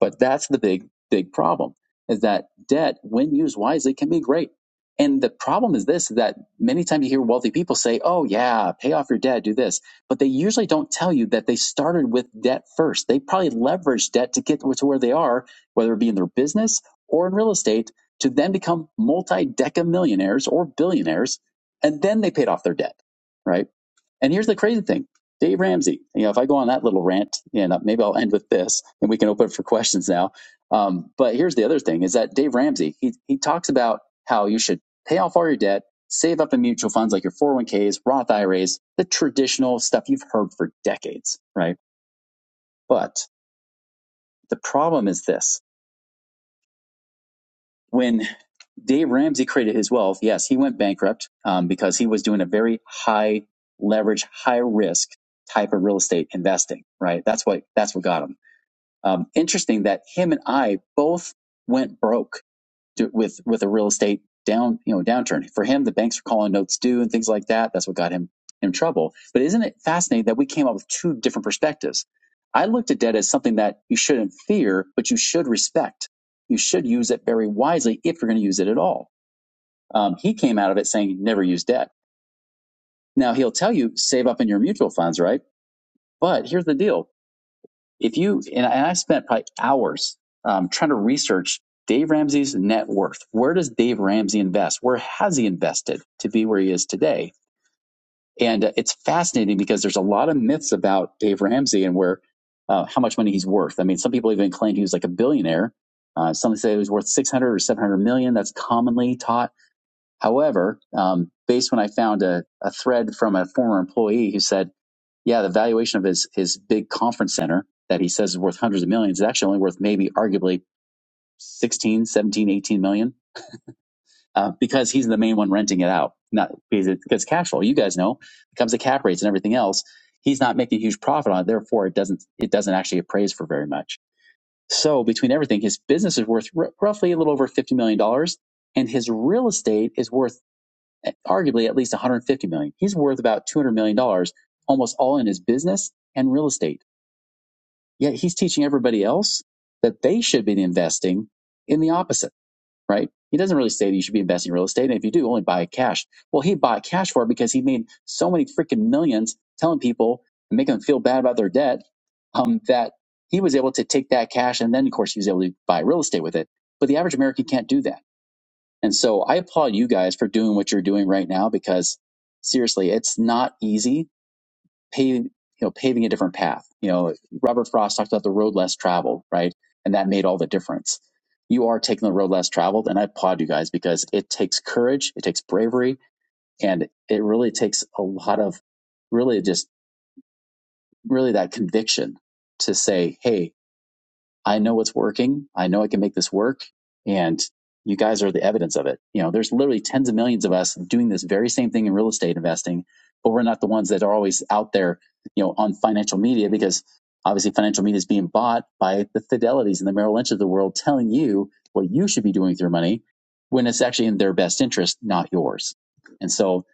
But that's the big, big problem is that debt, when used wisely, can be great. And the problem is this, that many times you hear wealthy people say, oh yeah, pay off your debt, do this. But they usually don't tell you that they started with debt first. They probably leveraged debt to get to where they are, whether it be in their business or in real estate, to then become multi-deca millionaires or billionaires. And then they paid off their debt, right? And here's the crazy thing. Dave Ramsey, you know, if I go on that little rant, and uh, maybe I'll end with this, and we can open it for questions now. Um, but here's the other thing: is that Dave Ramsey, he he talks about how you should pay off all your debt, save up in mutual funds like your 401ks, Roth IRAs, the traditional stuff you've heard for decades, right? But the problem is this: when Dave Ramsey created his wealth, yes, he went bankrupt um, because he was doing a very high leverage, high risk type of real estate investing. Right. That's what that's what got him. Um, interesting that him and I both went broke to, with with a real estate down you know downturn. For him, the banks are calling notes due and things like that. That's what got him in trouble. But isn't it fascinating that we came up with two different perspectives? I looked at debt as something that you shouldn't fear, but you should respect. You should use it very wisely if you're going to use it at all. Um, he came out of it saying never use debt. Now he'll tell you save up in your mutual funds, right? But here's the deal. If you and I, spent probably hours um, trying to research Dave Ramsey's net worth. Where does Dave Ramsey invest? Where has he invested to be where he is today? And uh, it's fascinating because there's a lot of myths about Dave Ramsey and where uh, how much money he's worth. I mean, some people even claimed he was like a billionaire. Uh, some say he was worth 600 or 700 million. That's commonly taught. However, um, based when I found a, a thread from a former employee who said yeah, the valuation of his his big conference center that he says is worth hundreds of millions is actually only worth maybe arguably sixteen, seventeen, eighteen million, uh, because he's the main one renting it out. Not because, it, because cash flow, you guys know, it comes the cap rates and everything else. He's not making a huge profit on it, therefore it doesn't it doesn't actually appraise for very much. So between everything, his business is worth r- roughly a little over fifty million dollars, and his real estate is worth eh, arguably at least one hundred fifty million. dollars. He's worth about two hundred million dollars, almost all in his business and real estate Yet he's teaching everybody else that they should be investing in the opposite, right? He doesn't really say that you should be investing in real estate. And if you do, only buy cash. Well, he bought cash for it because he made so many freaking millions telling people and making them feel bad about their debt um, that he was able to take that cash. And then, of course, he was able to buy real estate with it. But the average American can't do that. And so I applaud you guys for doing what you're doing right now because seriously, it's not easy paving, you know, paving a different path. You know, Robert Frost talked about the road less traveled, right? And that made all the difference. You are taking the road less traveled, and I applaud you guys because it takes courage, it takes bravery, and it really takes a lot of really just really that conviction to say, hey, I know it's working. I know I can make this work. And you guys are the evidence of it. You know, there's literally tens of millions of us doing this very same thing in real estate investing, but we're not the ones that are always out there, you know, on financial media because obviously financial media is being bought by the Fidelities and the Merrill Lynch of the world telling you what you should be doing with your money when it's actually in their best interest, not yours. And so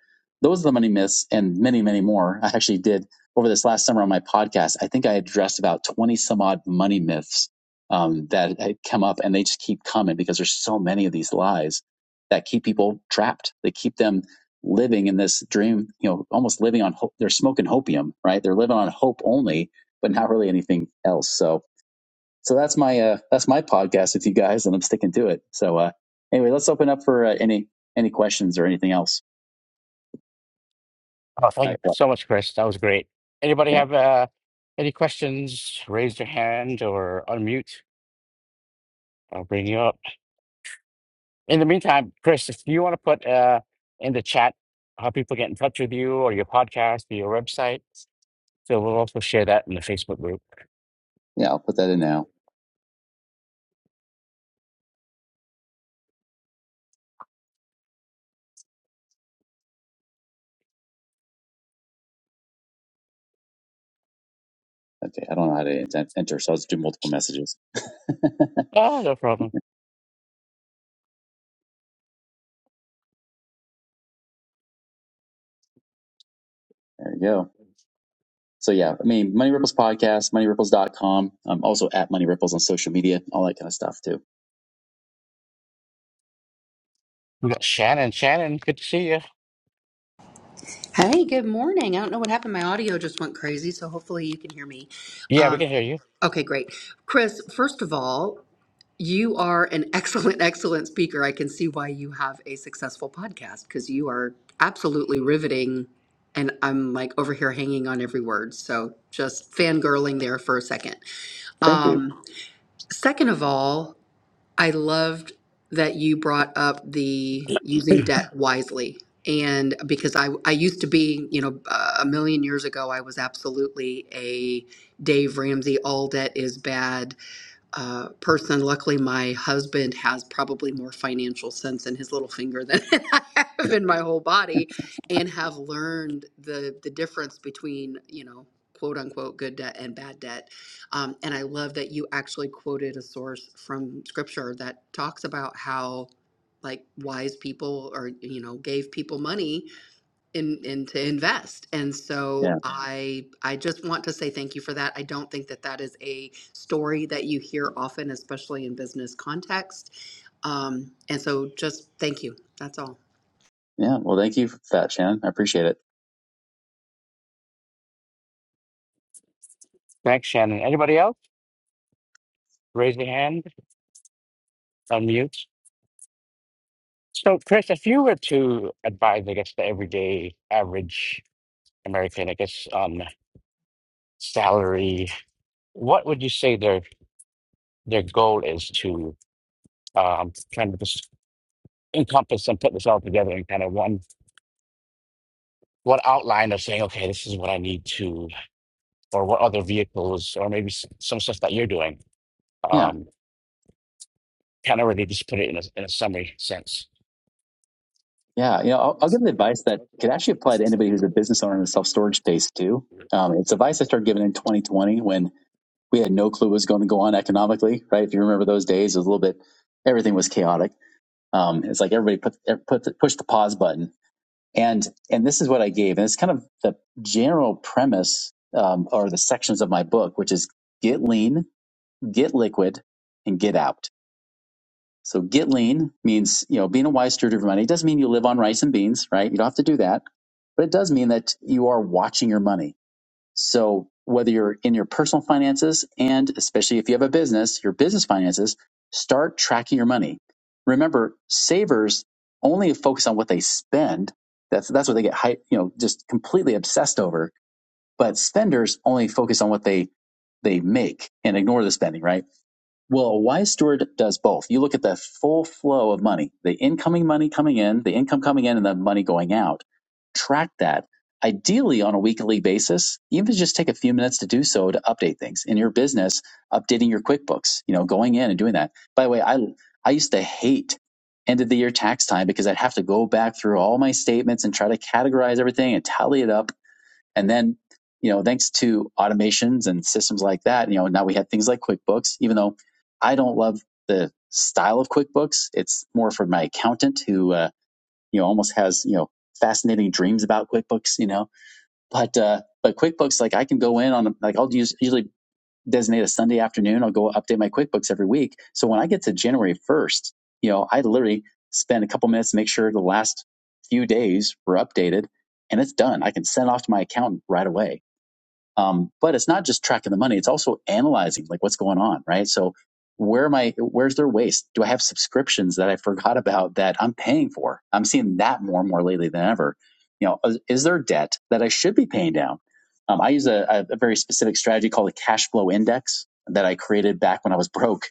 those are the money myths and many, many more. I actually did over this last summer on my podcast. I think I addressed about 20 some odd money myths um, that come up and they just keep coming because there's so many of these lies that keep people trapped. They keep them living in this dream, you know, almost living on hope. They're smoking hopium, right? They're living on hope only, but not really anything else. So, so that's my, uh, that's my podcast with you guys and I'm sticking to it. So, uh, anyway, let's open up for uh, any, any questions or anything else. Oh, thank I, you well, so much, Chris. That was great. Anybody yeah. have uh, any questions? Raise your hand or unmute. I'll bring you up. In the meantime, Chris, if you want to put uh, in the chat how people get in touch with you or your podcast or your website, so we'll also share that in the Facebook group. Yeah. I'll put that in now. Okay. I don't know how to ent- enter. So I'll just do multiple messages. there Oh, no problem. you go. So yeah, I mean, Money Ripples podcast, money ripples dot com. I'm also at Money Ripples on social media, all that kind of stuff too. We got Shannon. Shannon, good to see you. Hey, good morning. I don't know what happened. My audio just went crazy, so hopefully you can hear me. Yeah, we Um, can hear you. okay, great. Chris, first of all, you are an excellent, excellent speaker. I can see why you have a successful podcast because you are absolutely riveting. And I'm like over here hanging on every word. So just fangirling there for a second. Thank you. Um, second of all, I loved that you brought up the using debt wisely. And because I, I used to be, you know, uh, a million years ago, I was absolutely a Dave Ramsey, all debt is bad, uh, person. Luckily, my husband has probably more financial sense in his little finger than I have in my whole body, and have learned the the difference between you know quote unquote good debt and bad debt. Um, and I love that you actually quoted a source from scripture that talks about how like wise people or you know gave people money in, in to invest. And Yeah. so I I just want to say thank you for that. I don't think that that is a story that you hear often, especially in business context. Um, and so just thank you. That's all. Yeah. Well, thank you for that, Shannon. I appreciate it. Thanks, Shannon. Anybody else? Raise your hand, unmute. So, Chris, if you were to advise, I guess, the everyday average American, I guess, on salary. What would you say their their goal is to um, kind of just encompass and put this all together in kind of one one outline of saying, okay, this is what I need to, or what other vehicles, or maybe s- some stuff that you're doing. Yeah. Um, kind of really just put it in a, in a summary sense. Yeah. You know, I'll, I'll give the advice that could actually apply to anybody who's a business owner in the self storage space too. Um, it's advice I started giving in 2020 when we had no clue what was going to go on economically, right? If you remember those days, it was a little bit, everything was chaotic. Um, it's like everybody put, er, put, push the pause button And and this is what I gave, and it's kind of the general premise um, or the sections of my book, which is get lean, get liquid, and get out. So get lean means you know being a wise steward of your money. It doesn't mean you live on rice and beans, right? You don't have to do that, but it does mean that you are watching your money so whether you're in your personal finances and especially if you have a business, your business finances, start tracking your money. Remember, savers only focus on what they spend. That's that's what they get hype, you know, just completely obsessed over. But spenders only focus on what they they make and ignore the spending, right? Well, a wise steward does both. You look at the full flow of money, the incoming money coming in, the income coming in, and the money going out. Track that ideally on a weekly basis, even if you just take a few minutes to do so to update things in your business, updating your QuickBooks, you know, going in and doing that. By the way, I, I used to hate end of the year tax time because I'd have to go back through all my statements and try to categorize everything and tally it up and then, you know, thanks to automations and systems like that, you know, now we have things like QuickBooks, even though I don't love the style of QuickBooks. It's more for my accountant who, uh, you know, almost has, you know, fascinating dreams about QuickBooks, you know, but, uh, but QuickBooks, like I can go in on, like I'll use, usually designate a Sunday afternoon. I'll go update my QuickBooks every week. So when I get to January 1st, you know, I literally spend a couple minutes to make sure the last few days were updated and it's done. I can send off to my accountant right away um, but it's not just tracking the money; it's also analyzing like what's going on, right? So where am I? Where's their waste? Do I have subscriptions that I forgot about that I'm paying for? I'm seeing that more and more lately than ever. You know, is, there debt that I should be paying down? Um, I use a, a very specific strategy called the cash flow index that I created back when I was broke.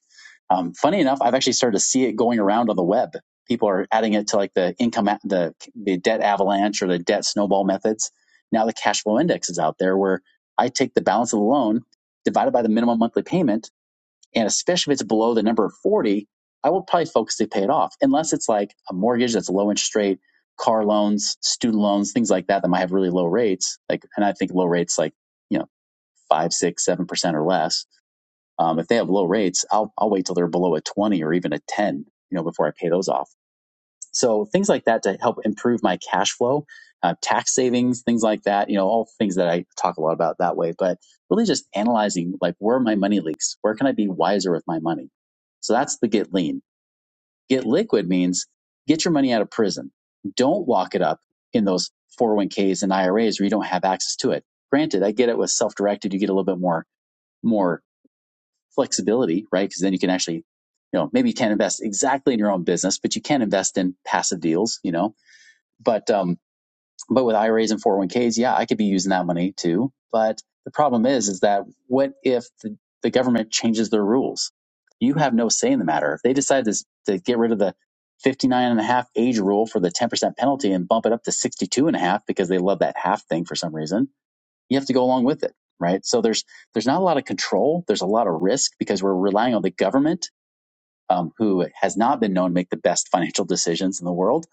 Um, funny enough, I've actually started to see it going around on the web. People are adding it to like the income, the the debt avalanche or the debt snowball methods. Now the cash flow index is out there where I take the balance of the loan divided by the minimum monthly payment. And especially if it's below the number of 40, I will probably focus to pay it off, unless it's like a mortgage that's low interest rate, car loans, student loans, things like that that might have really low rates. Like, and I think low rates like, you know, five, six, seven percent or less. Um, if they have low rates, I'll, I'll wait till they're below a 20 or even a 10, you know, before I pay those off. So things like that to help improve my cash flow, uh, tax savings, things like that. You know, all things that I talk a lot about that way. But really, just analyzing like where are my money leaks? Where can I be wiser with my money? So that's the get lean. Get liquid means get your money out of prison. Don't lock it up in those 401ks and IRAs where you don't have access to it. Granted, I get it with self-directed, you get a little bit more more flexibility, right? Because then you can actually, you know, maybe you can't invest exactly in your own business, but you can invest in passive deals, you know but um but with IRAs and 401ks, yeah, I could be using that money too. But the problem is is that what if the, the government changes their rules? You have no say in the matter. If they decide to, to get rid of the 59 and a half age rule for the 10% penalty and bump it up to 62 and a half because they love that half thing for some reason, you have to go along with it, right? So there's there's not a lot of control, there's a lot of risk because we're relying on the government um, who has not been known to make the best financial decisions in the world.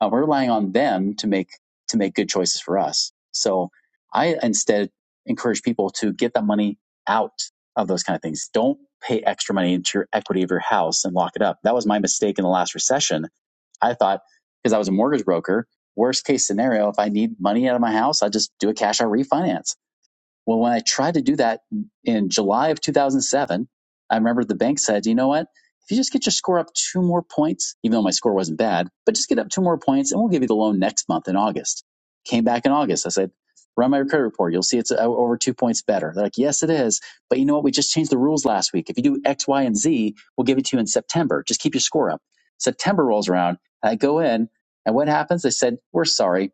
Uh, we're relying on them to make to make good choices for us. So I instead encourage people to get that money out of those kind of things. Don't pay extra money into your equity of your house and lock it up. That was my mistake in the last recession. I thought because I was a mortgage broker, worst case scenario, if I need money out of my house, I just do a cash out refinance well, when I tried to do that in July of 2007, I remember the bank said, you know what? If you just get your score up two more points, even though my score wasn't bad, but just get up two more points and we'll give you the loan next month in August. Came back in August. I said, run my credit report. You'll see it's uh, over two points better. They're like, yes, it is. But you know what? We just changed the rules last week. If you do X, Y, and Z, we'll give it to you in September. Just keep your score up. September rolls around. I go in and what happens? They said, we're sorry.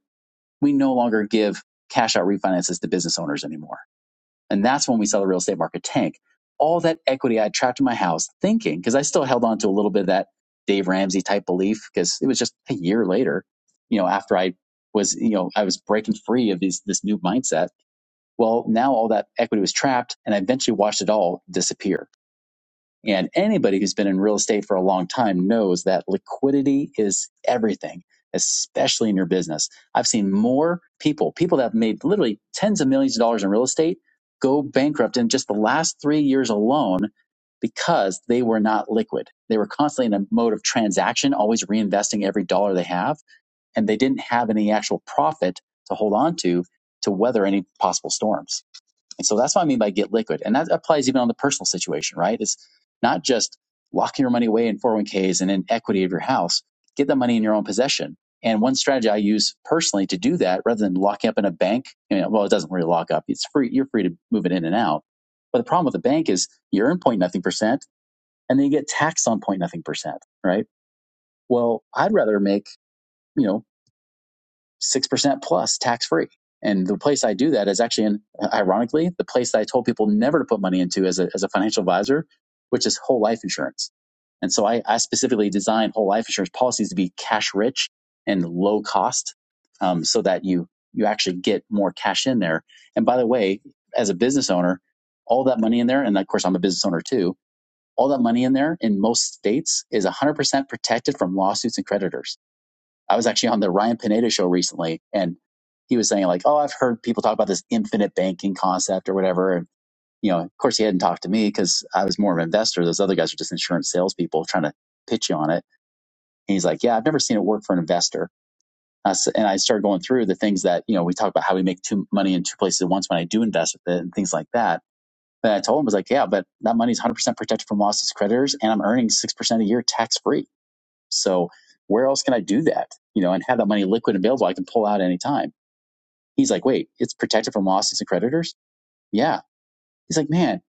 We no longer give cash out refinances to business owners anymore. And that's when we saw the real estate market tank. All that equity I had trapped in my house thinking, because I still held on to a little bit of that Dave Ramsey type belief, because it was just a year later, you know, after I was, you know, I was breaking free of these, this new mindset. Well, now all that equity was trapped and I eventually watched it all disappear and anybody who's been in real estate for a long time knows that liquidity is everything, especially in your business. I've seen more people, people that have made literally tens of millions of dollars in real estate, go bankrupt in just the last three years alone because they were not liquid. They were constantly in a mode of transaction, always reinvesting every dollar they have, and they didn't have any actual profit to hold on to to weather any possible storms. And so that's what I mean by get liquid. And that applies even on the personal situation, right? It's not just locking your money away in 401ks and in equity of your house. Get the money in your own possession. And one strategy I use personally to do that, rather than locking up in a bank, you know, well, it doesn't really lock up. It's free. You're free to move it in and out. But the problem with the bank is you earn point nothing percent and then you get taxed on point nothing percent, right? Well, I'd rather make, you know, 6% plus tax free. And the place I do that is actually, in, ironically, the place that I told people never to put money into as a, as a financial advisor, which is whole life insurance. And so I, I specifically designed whole life insurance policies to be cash rich and low cost um, so that you, you actually get more cash in there. And by the way, as a business owner, all that money in there, and of course, I'm a business owner too, all that money in there in most states is 100% protected from lawsuits and creditors. I was actually on the Ryan Pineda show recently, and he was saying like, "Oh, I've heard people talk about this infinite banking concept or whatever." And you know, of course, he hadn't talked to me because I was more of an investor. Those other guys are just insurance salespeople trying to pitch you on it. And he's like, "Yeah, I've never seen it work for an investor." I s- And I started going through the things that you know we talk about how we make two money in two places at once when I do invest with it and things like that. And I told him I was like, "Yeah, but that money's 100% protected from losses, creditors, and I'm earning six percent a year tax free." So where else can I do that? You know, and have that money liquid and available I can pull out any time. He's like, wait, it's protected from lawsuits and creditors? Yeah. He's like, man,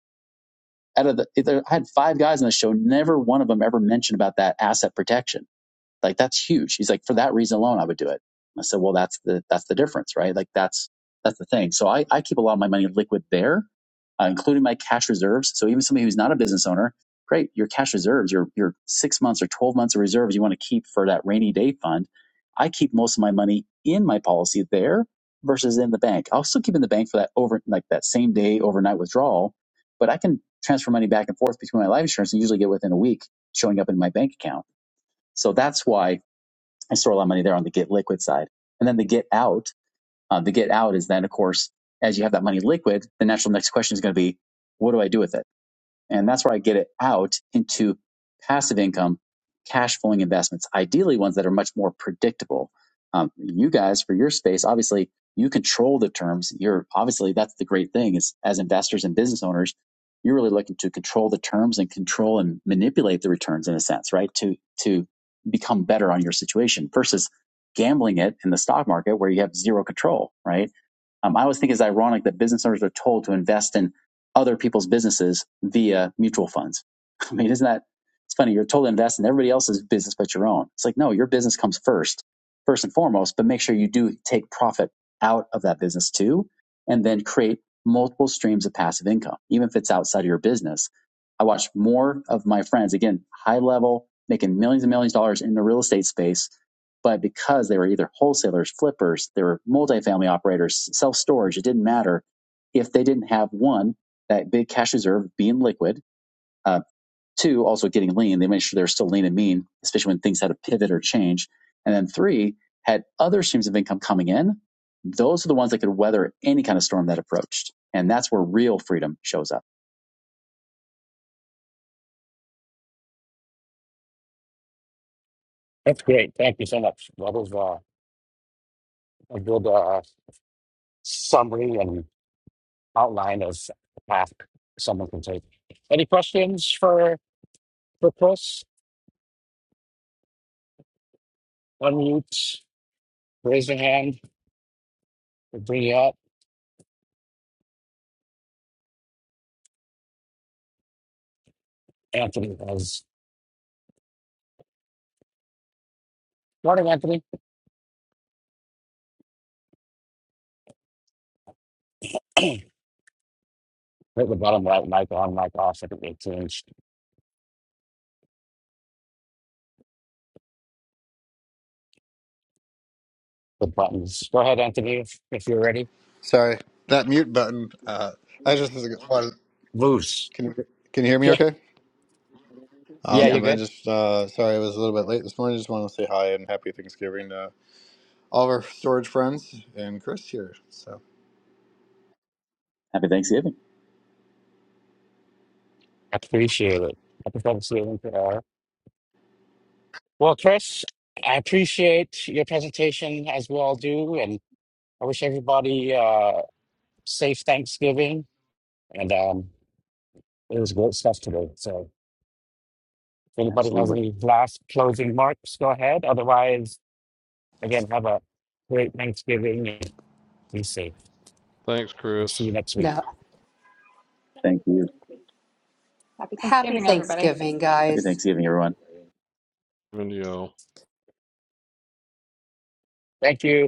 out of the, I had five guys on the show, never one of them ever mentioned about that asset protection like that's huge. He's like, for that reason alone, I would do it. I said, well, that's the, that's the difference, right? Like that's, that's the thing. So I, I keep a lot of my money liquid there, uh, including my cash reserves. So even somebody who's not a business owner, great, your cash reserves, your, your six months or 12 months of reserves you want to keep for that rainy day fund. I keep most of my money in my policy there versus in the bank. I'll still keep in the bank for that over, like that same day overnight withdrawal, but I can transfer money back and forth between my life insurance and usually get within a week showing up in my bank account. So that's why I store a lot of money there on the get liquid side. And then the get out, uh, the get out is then, of course, as you have that money liquid, the natural next question is going to be, what do I do with it? And that's where I get it out into passive income, cash flowing investments, ideally ones that are much more predictable. Um, you guys, for your space, obviously you control the terms. You're obviously that's the great thing is as investors and business owners, you're really looking to control the terms and control and manipulate the returns in a sense, right? To to become better on your situation versus gambling it in the stock market where you have zero control, right? Um, I always think it's ironic that business owners are told to invest in other people's businesses via mutual funds. I mean, isn't that it's funny? You're told to invest in everybody else's business but your own. It's like, no, your business comes first, first and foremost, but make sure you do take profit out of that business too, and then create multiple streams of passive income, even if it's outside of your business. I watch more of my friends, again, high level, making millions and millions of dollars in the real estate space but because they were either wholesalers, flippers, they were multifamily operators, self storage, it didn't matter if they didn't have one, that big cash reserve being liquid, uh, two, also getting lean. They made sure they're still lean and mean, especially when things had to pivot or change. And then three, had other streams of income coming in. Those are the ones that could weather any kind of storm that approached. And that's where real freedom shows up. That's great. Thank you so much. That was uh, a good uh, summary and outline of the path someone can take. Any questions for for Chris? Unmute. Raise your hand. we'll Bring you up. Anthony has. Morning, Anthony. Hit the bottom right mic on, mic off. I think they changed the buttons. Go ahead, Anthony, if, if you're ready. Sorry, that mute button. Uh, I just wanted. Loose. Can you can you hear me? Yeah, Okay. yeah, Yeah. you're Awesome. I good. just uh, sorry I was a little bit late this morning. Just wanted to say hi and happy Thanksgiving to all of our storage friends and Chris here. So. Happy Thanksgiving. Appreciate it. I prefer to see you in hour. Well, Chris, I appreciate your presentation as we all do, and I wish everybody uh, safe Thanksgiving. And um, it was great stuff today. So, if anybody has Absolutely. any last closing remarks, go ahead. Otherwise, again, have a great Thanksgiving and be safe. Thanks, We'll Chris. see you next week. No. Thank you. Happy Happy Thanksgiving, everybody. Thanksgiving, Happy guys. Thanksgiving, everyone. And you all. Thank you.